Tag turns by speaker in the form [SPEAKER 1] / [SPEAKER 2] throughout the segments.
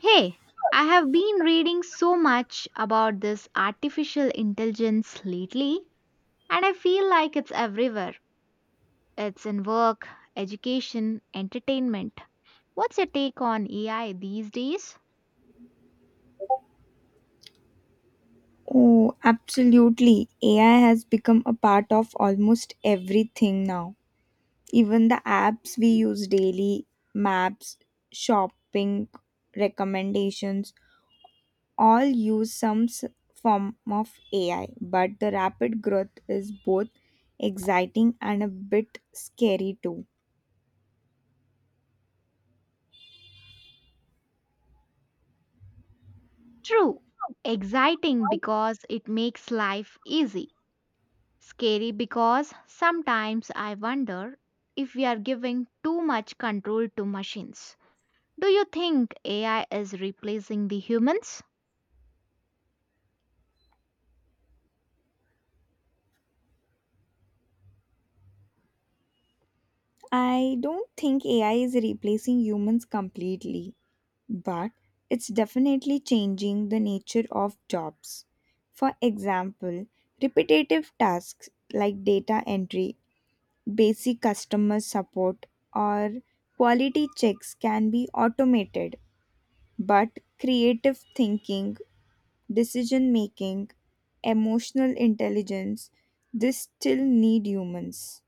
[SPEAKER 1] Hey, I have been reading so much about this artificial intelligence lately, and I feel like it's everywhere. It's in work, education, entertainment. What's your take on AI these days?
[SPEAKER 2] Oh, absolutely. AI has become a part of almost everything now. Even the apps we use daily, maps, shopping, recommendations, all use some form of AI. But the rapid growth is both exciting and a bit scary too.
[SPEAKER 1] True, exciting because it makes life easy. Scary because sometimes I wonder if we are giving too much control to machines. Do you think AI is replacing the humans?
[SPEAKER 2] I don't think AI is replacing humans completely, but it's definitely changing the nature of jobs. For example, repetitive tasks like data entry, basic customer support, or quality checks can be automated, but creative thinking, decision making, emotional intelligence, this still need humans.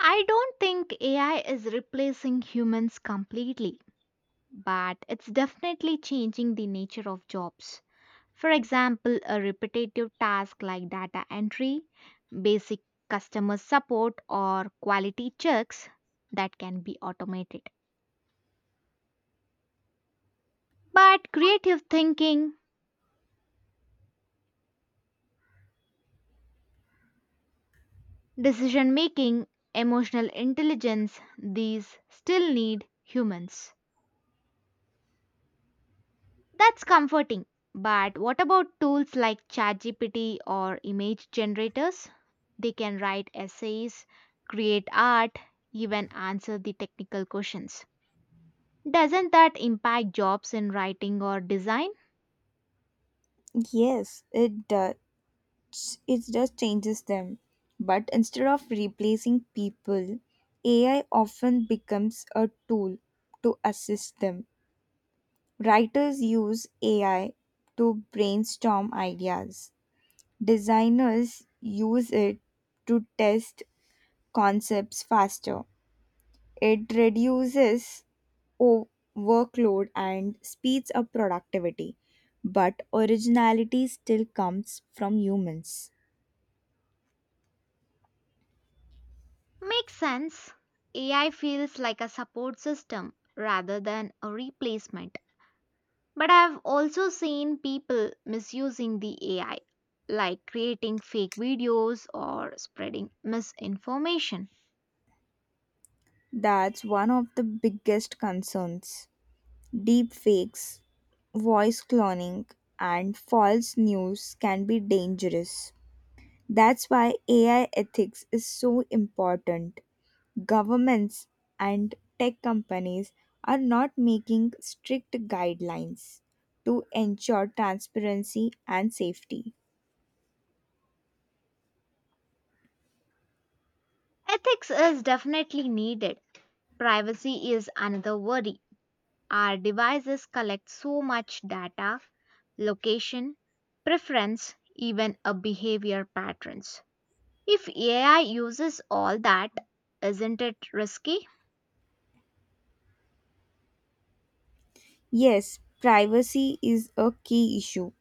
[SPEAKER 1] I don't think AI is replacing humans completely, but it's definitely changing the nature of jobs. For example, a repetitive task like data entry, basic customer support, or quality checks that can be automated. But creative thinking, decision making, emotional intelligence, these still need humans. That's comforting. But what about tools like ChatGPT or image generators? They can write essays, create art, even answer the technical questions. Doesn't that impact jobs in writing or design?
[SPEAKER 2] Yes, it does. It just changes them. But instead of replacing people, AI often becomes a tool to assist them. Writers use AI to brainstorm ideas, designers use it to test concepts faster. It reduces o- workload and speeds up productivity, but originality still comes from humans.
[SPEAKER 1] Makes sense. AI feels like a support system rather than a replacement. But I've also seen people misusing the AI, like creating fake videos or spreading misinformation.
[SPEAKER 2] That's one of the biggest concerns. Deep fakes, voice cloning, and false news can be dangerous. That's why AI ethics is so important. Governments and tech companies are not making strict guidelines to ensure transparency and safety.
[SPEAKER 1] Ethics is definitely needed. Privacy is another worry. Our devices collect so much data, location, preference, even a behavior patterns. If AI uses all that, isn't it risky?
[SPEAKER 2] Yes, privacy is a key issue.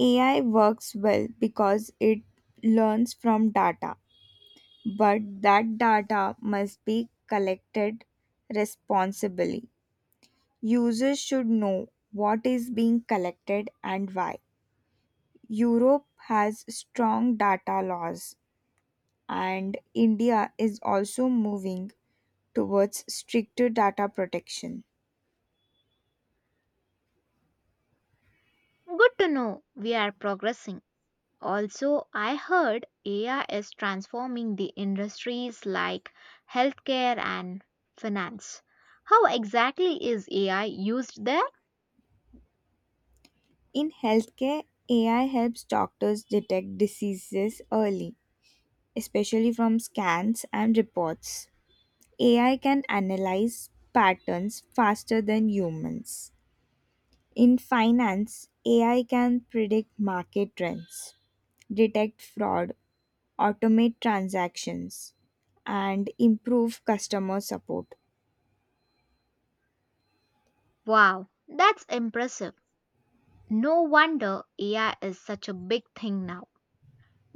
[SPEAKER 2] AI works well because it learns from data, but that data must be collected responsibly. Users should know what is being collected and why. Europe has strong data laws, and India is also moving towards stricter data protection.
[SPEAKER 1] Good to know we are progressing. Also, I heard AI is transforming the industries like healthcare and finance. How exactly is AI used there?
[SPEAKER 2] In healthcare, AI helps doctors detect diseases early, especially from scans and reports. AI can analyze patterns faster than humans. In finance, AI can predict market trends, detect fraud, automate transactions, and improve customer support.
[SPEAKER 1] Wow, that's impressive. No wonder AI is such a big thing now.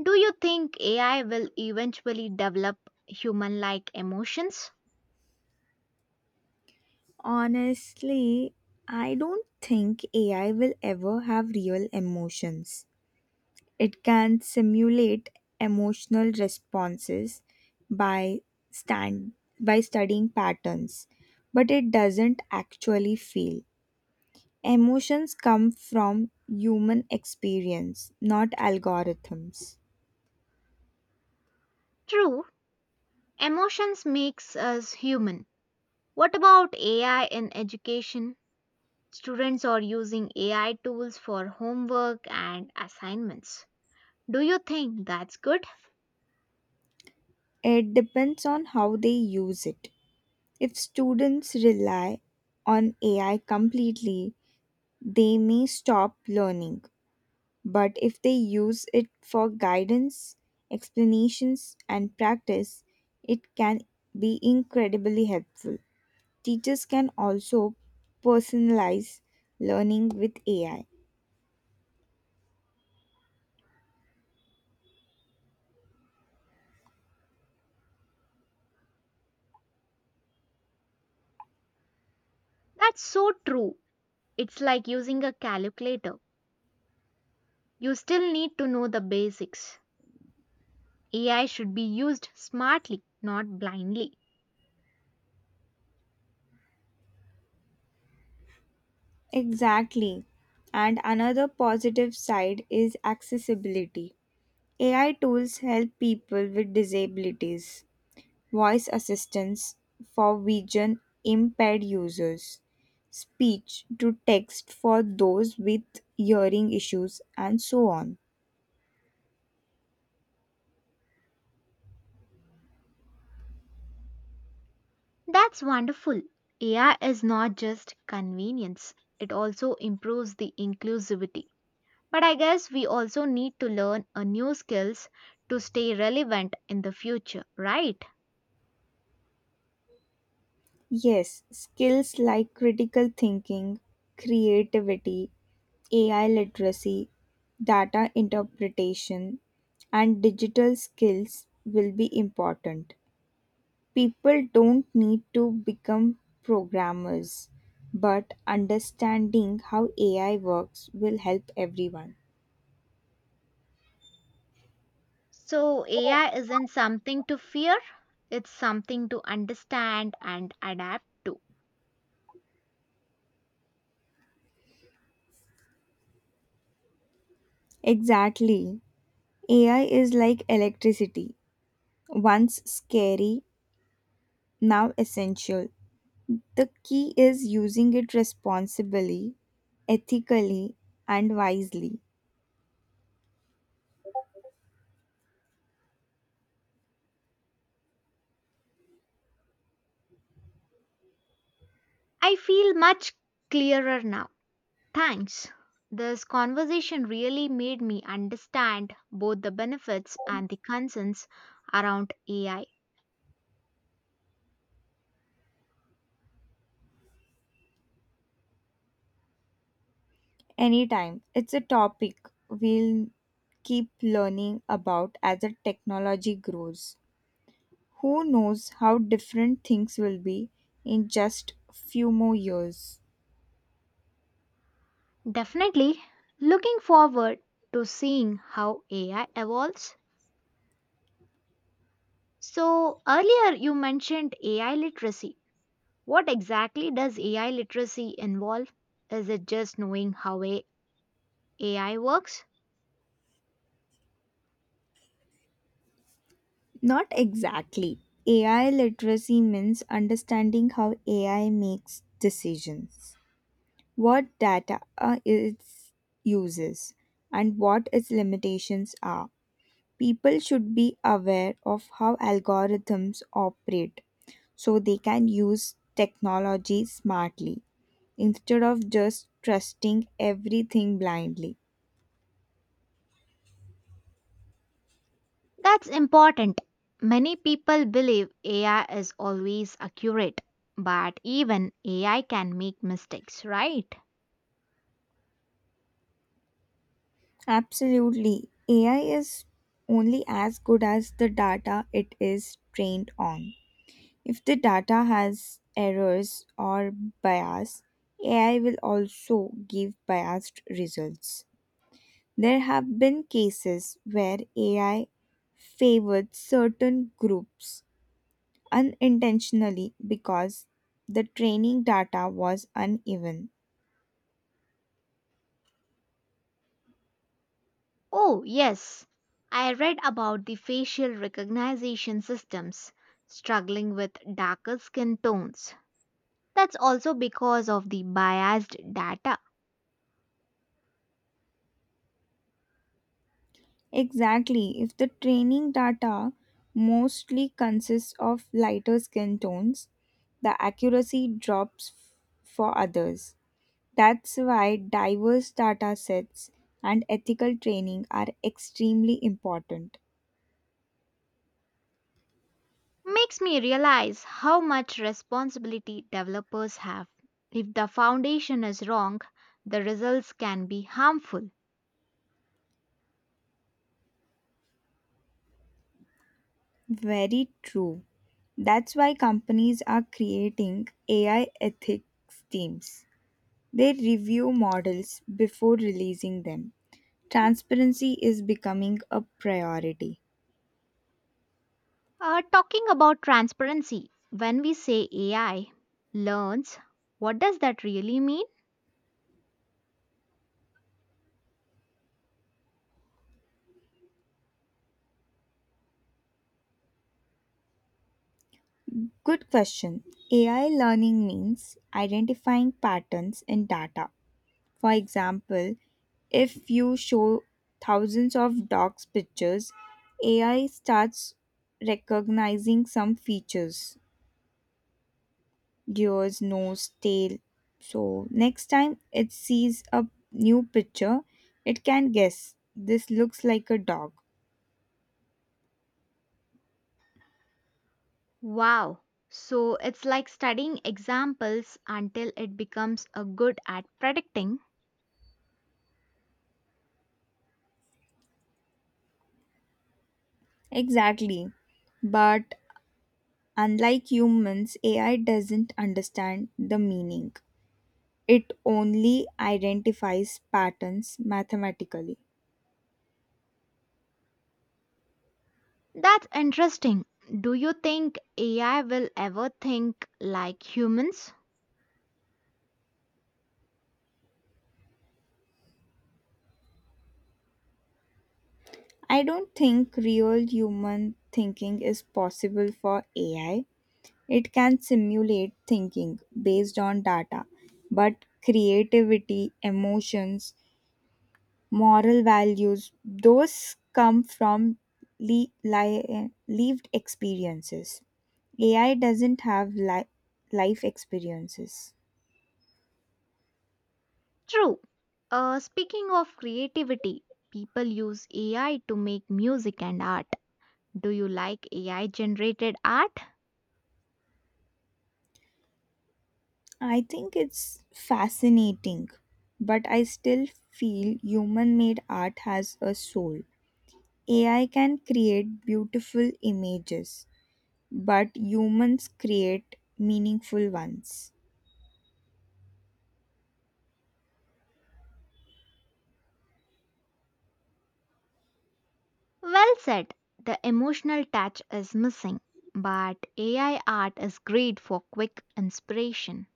[SPEAKER 1] Do you think AI will eventually develop human-like emotions?
[SPEAKER 2] Honestly, I don't think AI will ever have real emotions. It can simulate emotional responses by stand by studying patterns, but it doesn't actually feel. Emotions come from human experience, not algorithms.
[SPEAKER 1] True, emotions makes us human. What about AI in education? Students are using AI tools for homework and assignments. Do you think that's good?
[SPEAKER 2] It depends on how they use it. If students rely on AI completely, they may stop learning. But if they use it for guidance, explanations, and practice, it can be incredibly helpful. Teachers can also personalize learning with AI.
[SPEAKER 1] That's so true. It's like using a calculator. You still need to know the basics. AI should be used smartly, not blindly.
[SPEAKER 2] Exactly. And another positive side is accessibility. AI tools help people with disabilities, voice assistance for vision impaired users, speech to text for those with hearing issues, and so on.
[SPEAKER 1] That's wonderful. AI is not just convenience, it also improves the inclusivity. But I guess we also need to learn a new skills to stay relevant in the future, right?
[SPEAKER 2] Yes, skills like critical thinking, creativity, AI literacy, data interpretation, and digital skills will be important. People don't need to become programmers, but understanding how AI works will help everyone.
[SPEAKER 1] So AI isn't something to fear, it's something to understand and adapt to.
[SPEAKER 2] Exactly. AI is like electricity. Once scary, now essential. The key is using it responsibly, ethically, and wisely.
[SPEAKER 1] I feel much clearer now. Thanks. This conversation really made me understand both the benefits and the concerns around AI.
[SPEAKER 2] Anytime. It's a topic we'll keep learning about as the technology grows. Who knows how different things will be in just few more years?
[SPEAKER 1] Definitely looking forward to seeing how AI evolves. So, earlier you mentioned AI literacy. What exactly does AI literacy involve? Is it just knowing how AI works?
[SPEAKER 2] Not exactly. AI literacy means understanding how AI makes decisions, what data it uses, and what its limitations are. People should be aware of how algorithms operate so they can use technology smartly instead of just trusting everything blindly.
[SPEAKER 1] That's important. Many people believe AI is always accurate, but even AI can make mistakes, right?
[SPEAKER 2] Absolutely. AI is only as good as the data it is trained on. If the data has errors or bias, AI will also give biased results. There have been cases where AI favored certain groups unintentionally because the training data was uneven.
[SPEAKER 1] Oh, yes. I read about the facial recognition systems struggling with darker skin tones. That's also because of the biased data.
[SPEAKER 2] Exactly, if the training data mostly consists of lighter skin tones, the accuracy drops for others. That's why diverse data sets and ethical training are extremely important.
[SPEAKER 1] Makes me realize how much responsibility developers have. If the foundation is wrong, the results can be harmful.
[SPEAKER 2] Very true. That's why companies are creating AI ethics teams. They review models before releasing them. Transparency is becoming a priority.
[SPEAKER 1] Talking about transparency, when we say AI learns, what does that really mean?
[SPEAKER 2] Good question. AI learning means identifying patterns in data. For example, if you show thousands of dogs pictures, AI starts recognizing some features. Gears, nose, tail. So next time it sees a new picture, it can guess this looks like a dog.
[SPEAKER 1] Wow. So it's like studying examples until it becomes a good at predicting.
[SPEAKER 2] Exactly. But unlike humans, AI doesn't understand the meaning. It only identifies patterns mathematically.
[SPEAKER 1] That's interesting. Do you think AI will ever think like humans?
[SPEAKER 2] I don't think real human thinking is possible for AI. It can simulate thinking based on data, but creativity, emotions, moral values, those come from lived experiences. AI doesn't have life experiences.
[SPEAKER 1] True. Speaking of creativity, people use AI to make music and art. Do you like AI generated art?
[SPEAKER 2] I think it's fascinating, but I still feel human made art has a soul. AI can create beautiful images, but humans create meaningful ones.
[SPEAKER 1] Well said. The emotional touch is missing, but AI art is great for quick inspiration.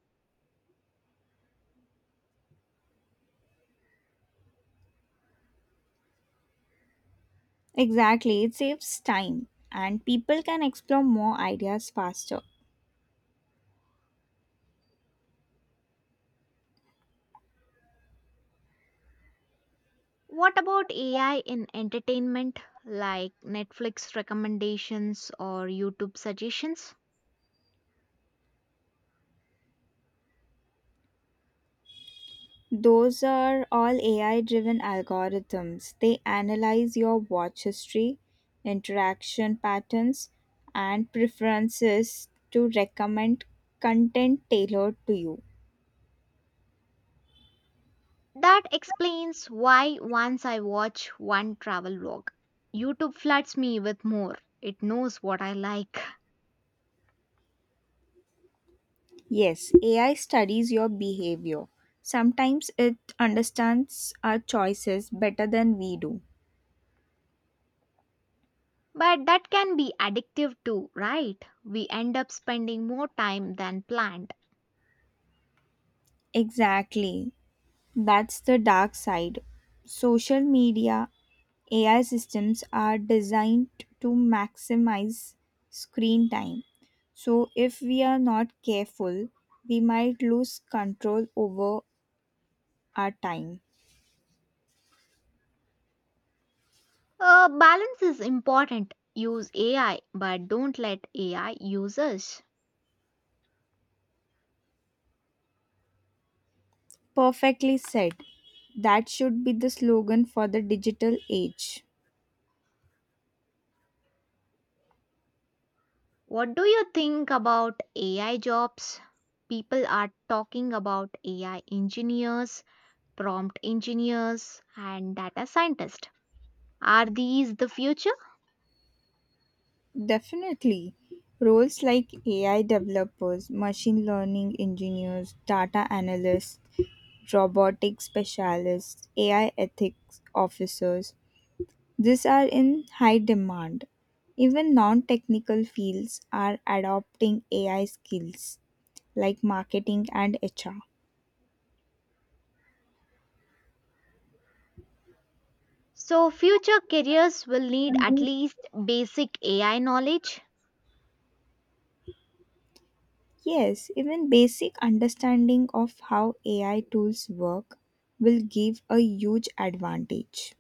[SPEAKER 2] Exactly, it saves time and people can explore more ideas faster.
[SPEAKER 1] What about AI in entertainment, like Netflix recommendations or YouTube suggestions?
[SPEAKER 2] Those are all AI driven algorithms. They analyze your watch history, interaction patterns, and preferences to recommend content tailored to you.
[SPEAKER 1] That explains why once I watch one travel vlog, YouTube floods me with more. It knows what I like.
[SPEAKER 2] Yes, AI studies your behavior. Sometimes it understands our choices better than we do.
[SPEAKER 1] But that can be addictive too, right? We end up spending more time than planned.
[SPEAKER 2] Exactly. That's the dark side. Social media AI systems are designed to maximize screen time. So, if we are not careful, we might lose control over our time.
[SPEAKER 1] Balance is important. Use AI, but don't let AI use us.
[SPEAKER 2] Perfectly said. That should be the slogan for the digital age.
[SPEAKER 1] What do you think about AI jobs? People are talking about AI engineers, prompt engineers, and data scientists. Are these the future?
[SPEAKER 2] Definitely. Roles like AI developers, machine learning engineers, data analysts, robotic specialists, AI ethics officers. These are in high demand. Even non technical fields are adopting AI skills like marketing and HR.
[SPEAKER 1] So, future careers will need at least basic AI knowledge,
[SPEAKER 2] Yes, even basic understanding of how AI tools work will give a huge advantage.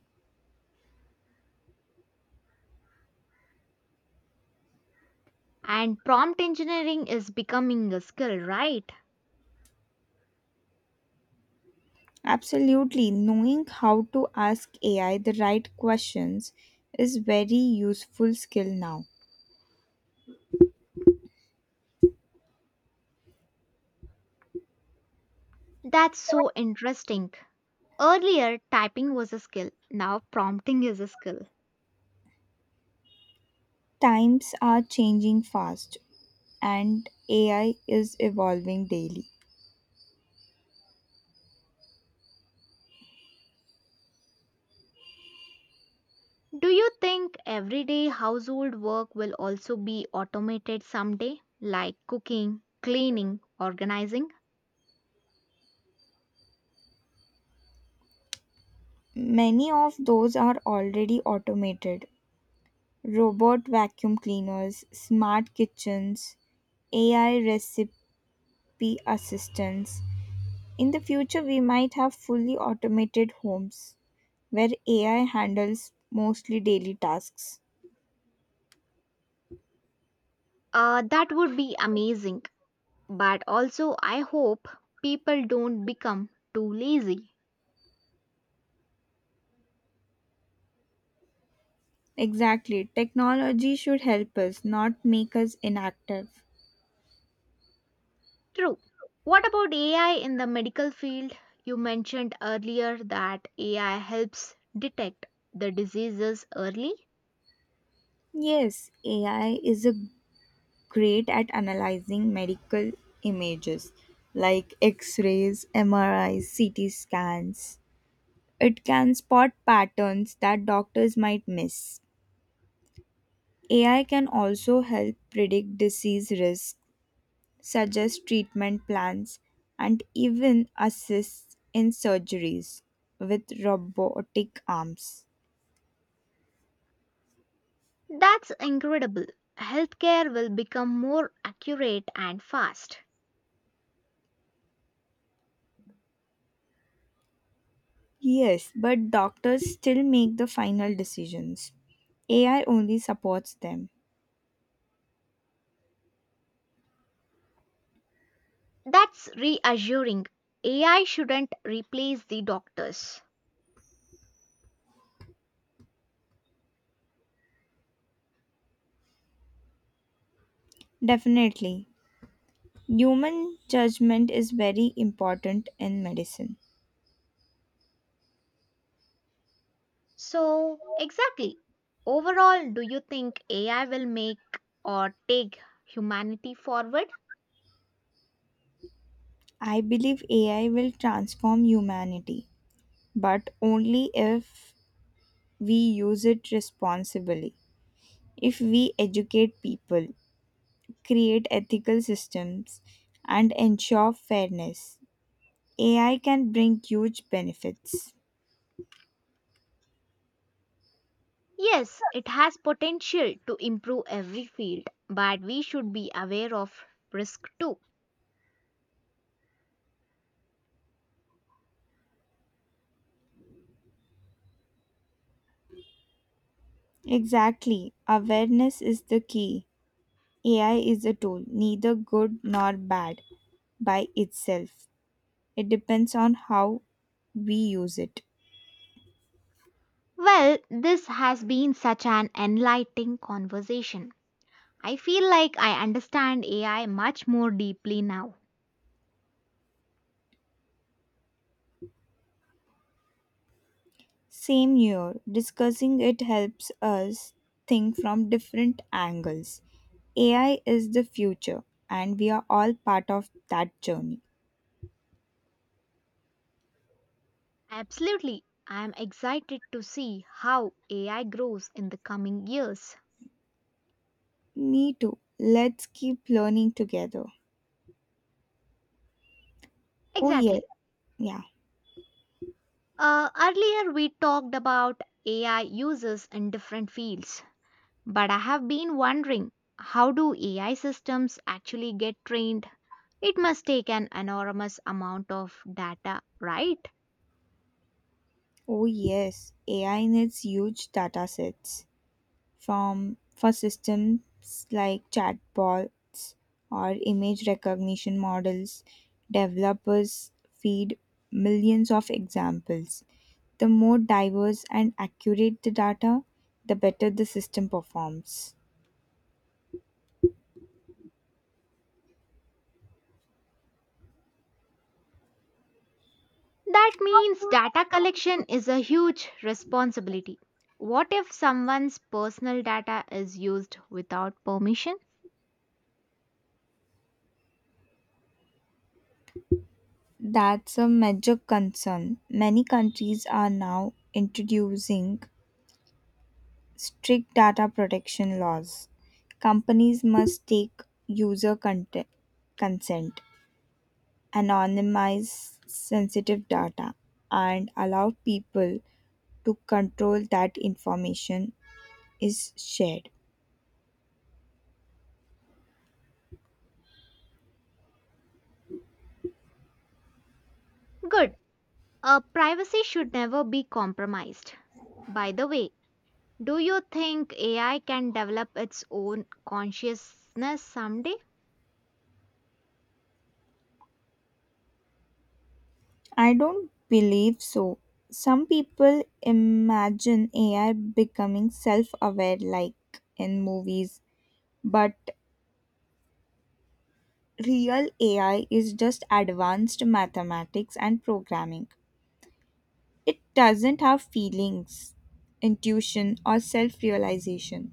[SPEAKER 1] and prompt engineering is becoming a skill, right?
[SPEAKER 2] Absolutely, knowing how to ask AI the right questions is very useful skill now.
[SPEAKER 1] That's so interesting. Earlier, typing was a skill, now, prompting is a skill.
[SPEAKER 2] Times are changing fast and AI is evolving daily.
[SPEAKER 1] Do you think everyday household work will also be automated someday, like cooking, cleaning, organizing?
[SPEAKER 2] Many of those are already automated. Robot vacuum cleaners, smart kitchens, AI recipe assistants. In the future, we might have fully automated homes where AI handles mostly daily tasks.
[SPEAKER 1] That would be amazing. But also, I hope people don't become too lazy.
[SPEAKER 2] Exactly. Technology should help us, not make us inactive.
[SPEAKER 1] True. What about AI in the medical field? You mentioned earlier that AI helps detect the diseases early.
[SPEAKER 2] Yes, AI is a great at analyzing medical images like x rays, MRIs, CT scans. It can spot patterns that doctors might miss. AI can also help predict disease risk, suggest treatment plans, and even assist in surgeries with robotic arms.
[SPEAKER 1] That's incredible. Healthcare will become more accurate and fast.
[SPEAKER 2] Yes, but doctors still make the final decisions. AI only supports them.
[SPEAKER 1] That's reassuring. AI shouldn't replace the doctors.
[SPEAKER 2] Definitely. Human judgment is very important in medicine.
[SPEAKER 1] So, exactly. Overall, do you think AI will make or take humanity forward?
[SPEAKER 2] I believe AI will transform humanity, but only if we use it responsibly. If we educate people, create ethical systems, and ensure fairness, AI can bring huge benefits.
[SPEAKER 1] Yes, it has potential to improve every field, but we should be aware of risk too.
[SPEAKER 2] Exactly, awareness is the key. AI is a tool, neither good nor bad by itself. It depends on how we use it.
[SPEAKER 1] Well, this has been such an enlightening conversation. I feel like I understand AI much more deeply now.
[SPEAKER 2] Same here, discussing it helps us think from different angles. AI is the future, and we are all part of that journey.
[SPEAKER 1] Absolutely. I am excited to see how AI grows in the coming years.
[SPEAKER 2] Me too. Let's keep learning together. Oh, yeah.
[SPEAKER 1] Exactly.
[SPEAKER 2] Yeah.
[SPEAKER 1] Earlier, we talked about AI uses in different fields, but I have been wondering how do AI systems actually get trained? It must take an enormous amount of data, right?
[SPEAKER 2] Oh, yes. AI needs huge data sets. From For systems like chatbots or image recognition models, developers feed millions of examples. The more diverse and accurate the data, the better the system performs.
[SPEAKER 1] That means data collection is a huge responsibility. What if someone's personal data is used without permission?
[SPEAKER 2] That's a major concern. Many countries are now introducing strict data protection laws. Companies must take user consent, anonymize sensitive data, and allow people to control that information is shared.
[SPEAKER 1] Good. Privacy should never be compromised. By the way, do you think AI can develop its own consciousness someday?
[SPEAKER 2] I don't believe so. Some people imagine AI becoming self aware like in movies, but real AI is just advanced mathematics and programming. It doesn't have feelings, intuition, or self realization.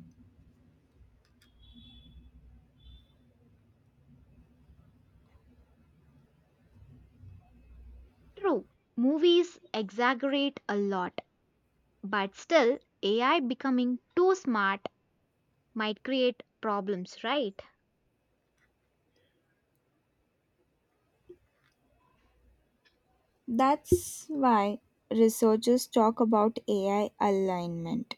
[SPEAKER 1] True. Movies exaggerate a lot, but still, AI becoming too smart might create problems, right?
[SPEAKER 2] That's why researchers talk about AI alignment.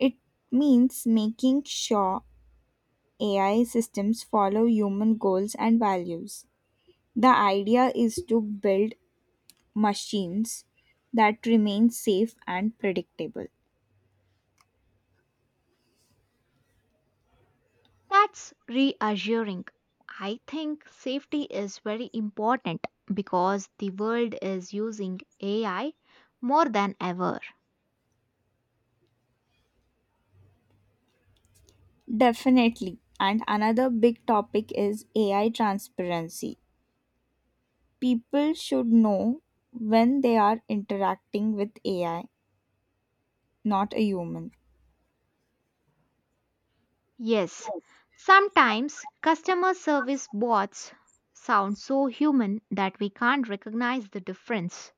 [SPEAKER 2] It means making sure AI systems follow human goals and values. The idea is to build machines that remain safe and predictable.
[SPEAKER 1] That's reassuring. I think safety is very important because the world is using AI more than ever.
[SPEAKER 2] Definitely. And another big topic is AI transparency. People should know when they are interacting with AI, not a human.
[SPEAKER 1] Yes, sometimes customer service bots sound so human that we can't recognize the difference.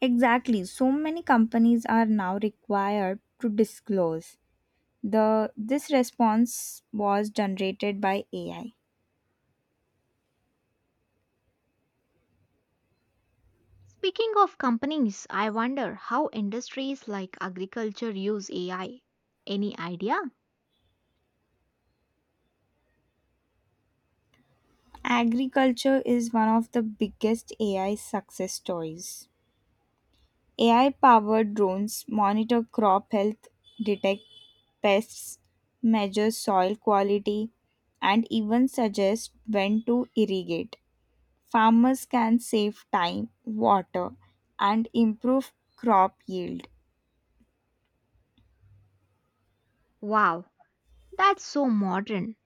[SPEAKER 2] Exactly. So many companies are now required to disclose. The this response was generated by AI.
[SPEAKER 1] Speaking of companies, I wonder how industries like agriculture use AI. Any idea?
[SPEAKER 2] Agriculture is one of the biggest AI success stories. AI powered drones monitor crop health, detect pests, measure soil quality, and even suggest when to irrigate. Farmers can save time, water, and improve crop yield.
[SPEAKER 1] Wow, that's so modern.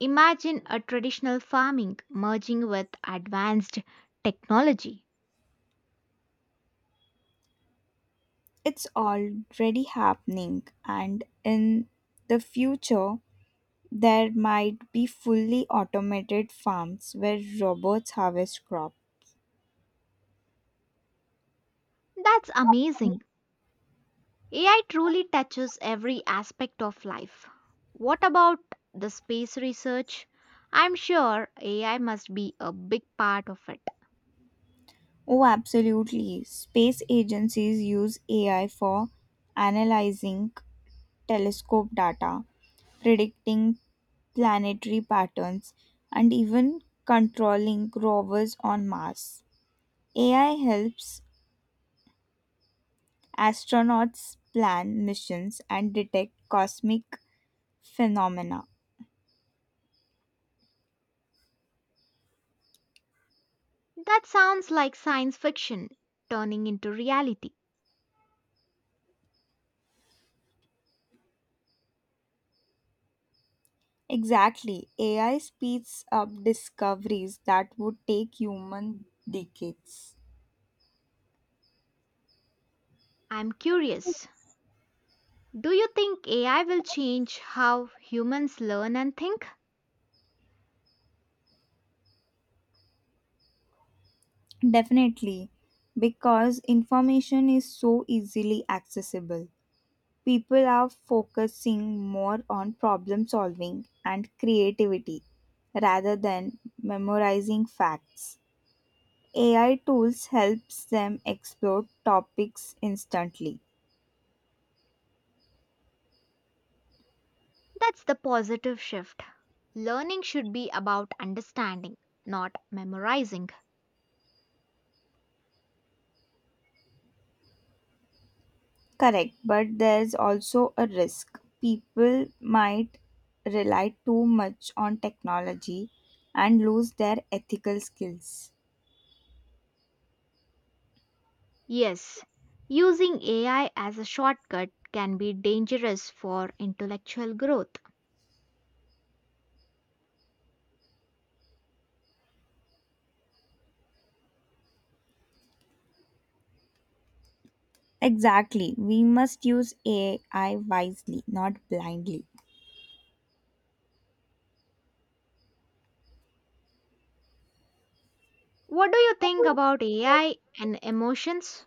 [SPEAKER 1] Imagine a traditional farming merging with advanced technology.
[SPEAKER 2] It's already happening, and in the future, there might be fully automated farms where robots harvest crop.
[SPEAKER 1] That's amazing. AI truly touches every aspect of life. What about the space research? I'm sure AI must be a big part of it.
[SPEAKER 2] Oh, absolutely. Space agencies use AI for analyzing telescope data, predicting planetary patterns, and even controlling rovers on Mars. AI helps astronauts plan missions and detect cosmic phenomena.
[SPEAKER 1] That sounds like science fiction turning into reality.
[SPEAKER 2] Exactly. AI speeds up discoveries that would take human decades.
[SPEAKER 1] I'm curious. Do you think AI will change how humans learn and think?
[SPEAKER 2] Definitely, because information is so easily accessible. People are focusing more on problem solving and creativity rather than memorizing facts. AI tools helps them explore topics instantly.
[SPEAKER 1] That's the positive shift. Learning should be about understanding, not memorizing.
[SPEAKER 2] Correct, but there's also a risk. People might rely too much on technology and lose their ethical skills.
[SPEAKER 1] Yes, using AI as a shortcut can be dangerous for intellectual growth.
[SPEAKER 2] Exactly. We must use AI wisely, not blindly.
[SPEAKER 1] What do you think about AI and emotions?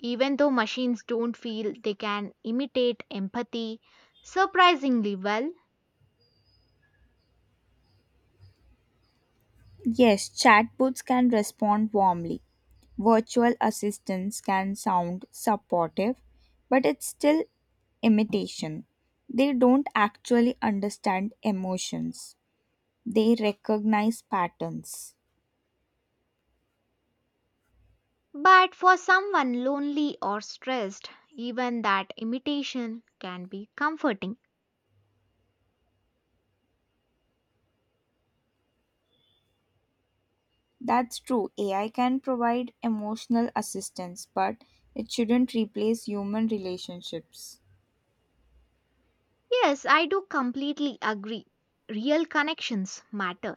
[SPEAKER 1] Even though machines don't feel, they can imitate empathy surprisingly well.
[SPEAKER 2] Yes, chatbots can respond warmly. Virtual assistants can sound supportive, but it's still imitation. They don't actually understand emotions, they recognize patterns.
[SPEAKER 1] But for someone lonely or stressed, even that imitation can be comforting.
[SPEAKER 2] That's true. AI can provide emotional assistance, but it shouldn't replace human relationships.
[SPEAKER 1] Yes, I do completely agree. Real connections matter.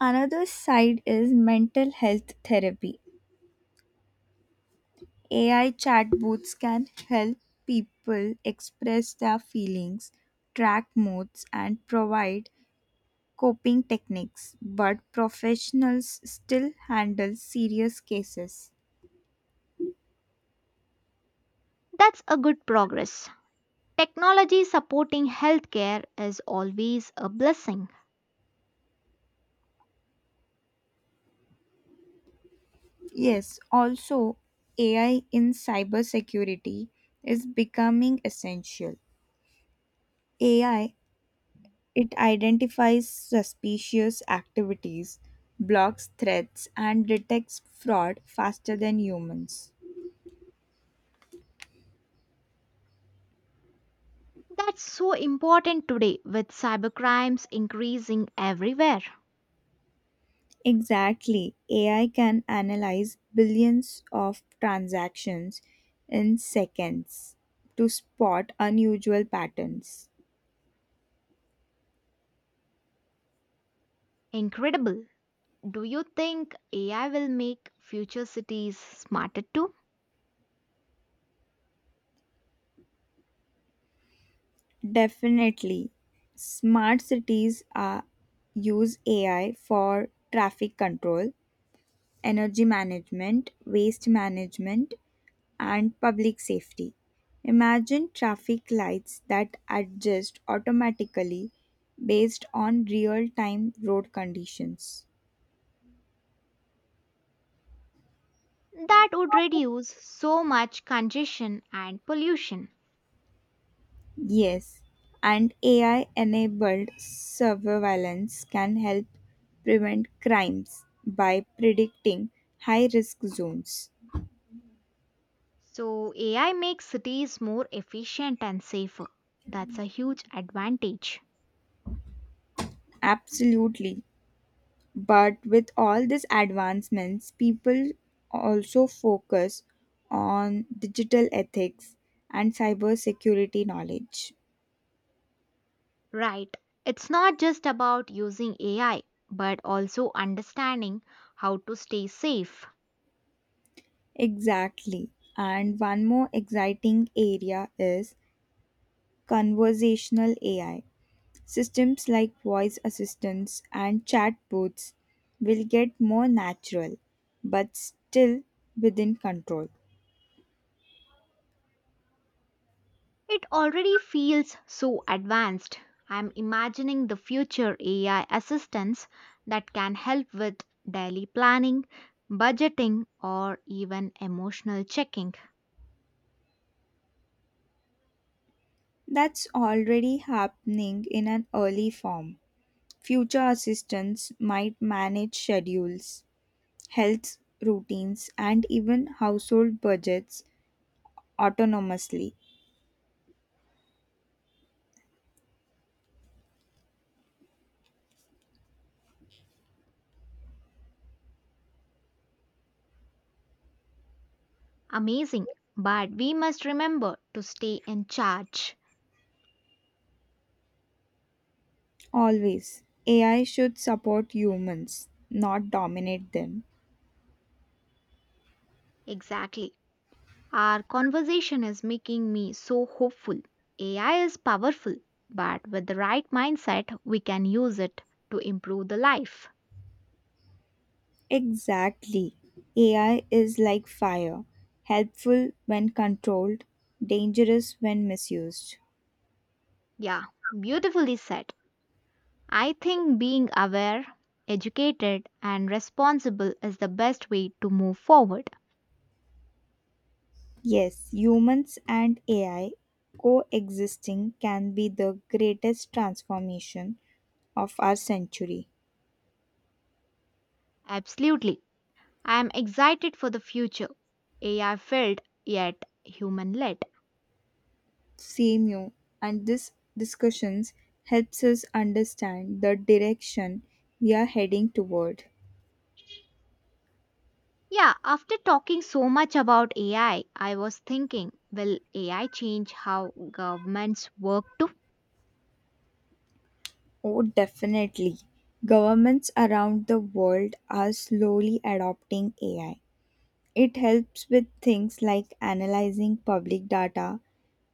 [SPEAKER 2] Another side is mental health therapy. AI chatbots can help people express their feelings, track moods, and provide coping techniques, but professionals still handle serious cases.
[SPEAKER 1] That's a good progress. Technology supporting healthcare is always a blessing.
[SPEAKER 2] Yes, also, AI in cybersecurity is becoming essential. AI it identifies suspicious activities, blocks threats, and detects fraud faster than humans.
[SPEAKER 1] That's so important today with cybercrimes increasing everywhere.
[SPEAKER 2] Exactly. AI can analyze billions of transactions in seconds to spot unusual patterns.
[SPEAKER 1] Incredible. Do you think AI will make future cities smarter too?
[SPEAKER 2] Definitely. Smart cities use AI for traffic control, energy management, waste management, and public safety. Imagine traffic lights that adjust automatically based on real time road conditions.
[SPEAKER 1] That would reduce so much congestion and pollution.
[SPEAKER 2] Yes, and AI enabled surveillance can help prevent crimes by predicting high risk zones.
[SPEAKER 1] So, AI makes cities more efficient and safer. That's a huge advantage.
[SPEAKER 2] Absolutely. But with all these advancements, people also focus on digital ethics and cybersecurity knowledge.
[SPEAKER 1] Right. It's not just about using AI, but also understanding how to stay safe.
[SPEAKER 2] Exactly. And one more exciting area is conversational AI. Systems like voice assistants and chatbots will get more natural, but still within control.
[SPEAKER 1] It already feels so advanced. I'm imagining the future AI assistants that can help with daily planning, budgeting, or even emotional checking.
[SPEAKER 2] That's already happening in an early form. Future assistants might manage schedules, health routines, and even household budgets autonomously.
[SPEAKER 1] Amazing. But we must remember to stay in charge.
[SPEAKER 2] Always. AI should support humans, not dominate them.
[SPEAKER 1] Exactly. Our conversation is making me so hopeful. AI is powerful, but with the right mindset, we can use it to improve the life.
[SPEAKER 2] Exactly. AI is like fire, helpful when controlled, dangerous when misused.
[SPEAKER 1] Yeah, beautifully said. I think being aware, educated, and responsible is the best way to move forward.
[SPEAKER 2] Yes, humans and AI coexisting can be the greatest transformation of our century.
[SPEAKER 1] Absolutely. I am excited for the future. AI filled, yet human led.
[SPEAKER 2] Same you. And this discussions helps us understand the direction we are heading toward.
[SPEAKER 1] Yeah, after talking so much about AI, I was thinking, will AI change how governments work too?
[SPEAKER 2] Oh, definitely. Governments around the world are slowly adopting AI. It helps with things like analyzing public data,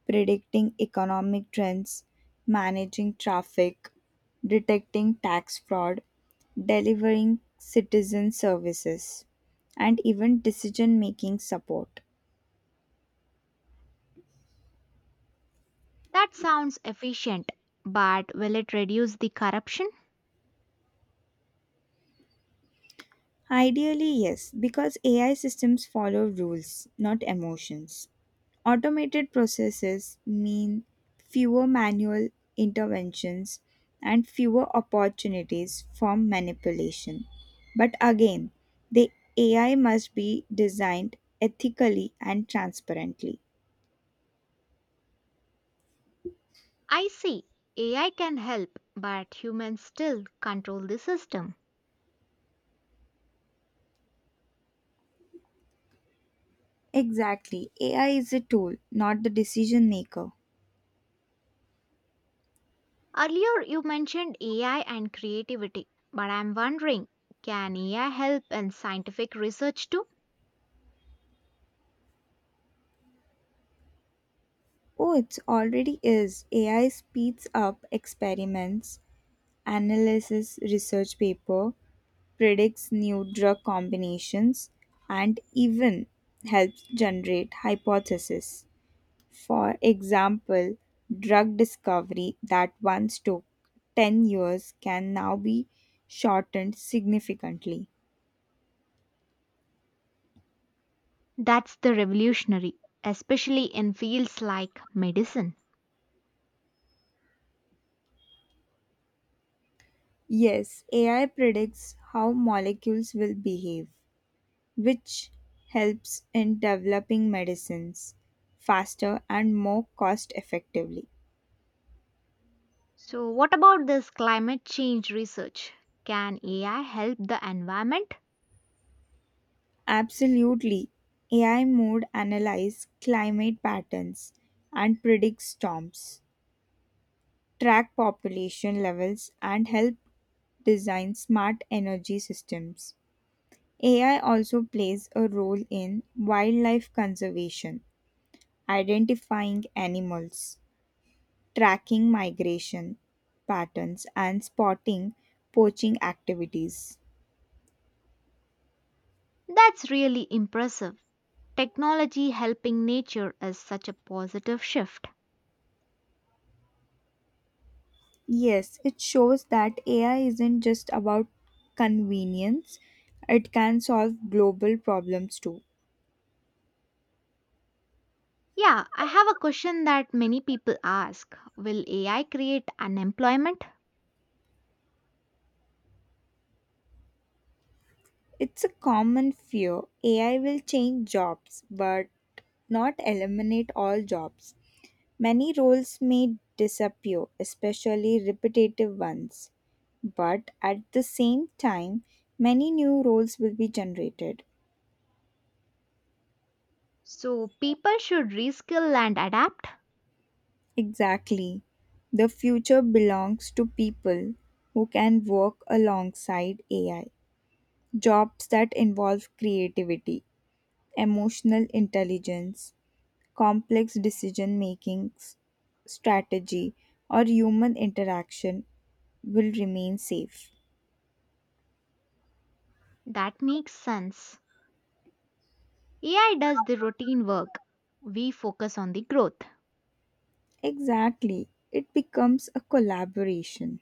[SPEAKER 2] predicting economic trends, managing traffic, detecting tax fraud, delivering citizen services, and even decision making support.
[SPEAKER 1] That sounds efficient, but will it reduce the corruption?
[SPEAKER 2] Ideally, yes, because AI systems follow rules, not emotions. Automated processes mean fewer manual interventions and fewer opportunities for manipulation. But again, the AI must be designed ethically and transparently.
[SPEAKER 1] I see. AI can help, but humans still control the system.
[SPEAKER 2] Exactly. AI is a tool, not the decision maker.
[SPEAKER 1] Earlier, you mentioned AI and creativity, but I'm wondering can AI help in scientific research too?
[SPEAKER 2] Oh, it already is. AI speeds up experiments analysis research paper, predicts new drug combinations, and even helps generate hypotheses. For example, drug discovery that once took 10 years can now be shortened significantly.
[SPEAKER 1] That's the revolutionary, especially in fields like medicine.
[SPEAKER 2] Yes, AI predicts how molecules will behave, which helps in developing medicines faster and more cost effectively.
[SPEAKER 1] So, what about this climate change research? Can AI help the environment?
[SPEAKER 2] Absolutely. AI mode analyze climate patterns and predict storms, track population levels and help design smart energy systems. AI also plays a role in wildlife conservation, identifying animals, tracking migration patterns, and spotting poaching activities.
[SPEAKER 1] That's really impressive. Technology helping nature is such a positive shift.
[SPEAKER 2] Yes, it shows that AI isn't just about convenience, it can solve global problems too.
[SPEAKER 1] Yeah, I have a question that many people ask Will AI create unemployment?
[SPEAKER 2] It's a common fear AI will change jobs, but not eliminate all jobs. Many roles may disappear, especially repetitive ones. But at the same time, many new roles will be generated.
[SPEAKER 1] So people should reskill and adapt.
[SPEAKER 2] Exactly. The future belongs to people who can work alongside AI. Jobs that involve creativity, emotional intelligence, complex decision making, strategy, or human interaction will remain safe.
[SPEAKER 1] That makes sense. AI does the routine work. We focus on the growth.
[SPEAKER 2] Exactly. It becomes a collaboration.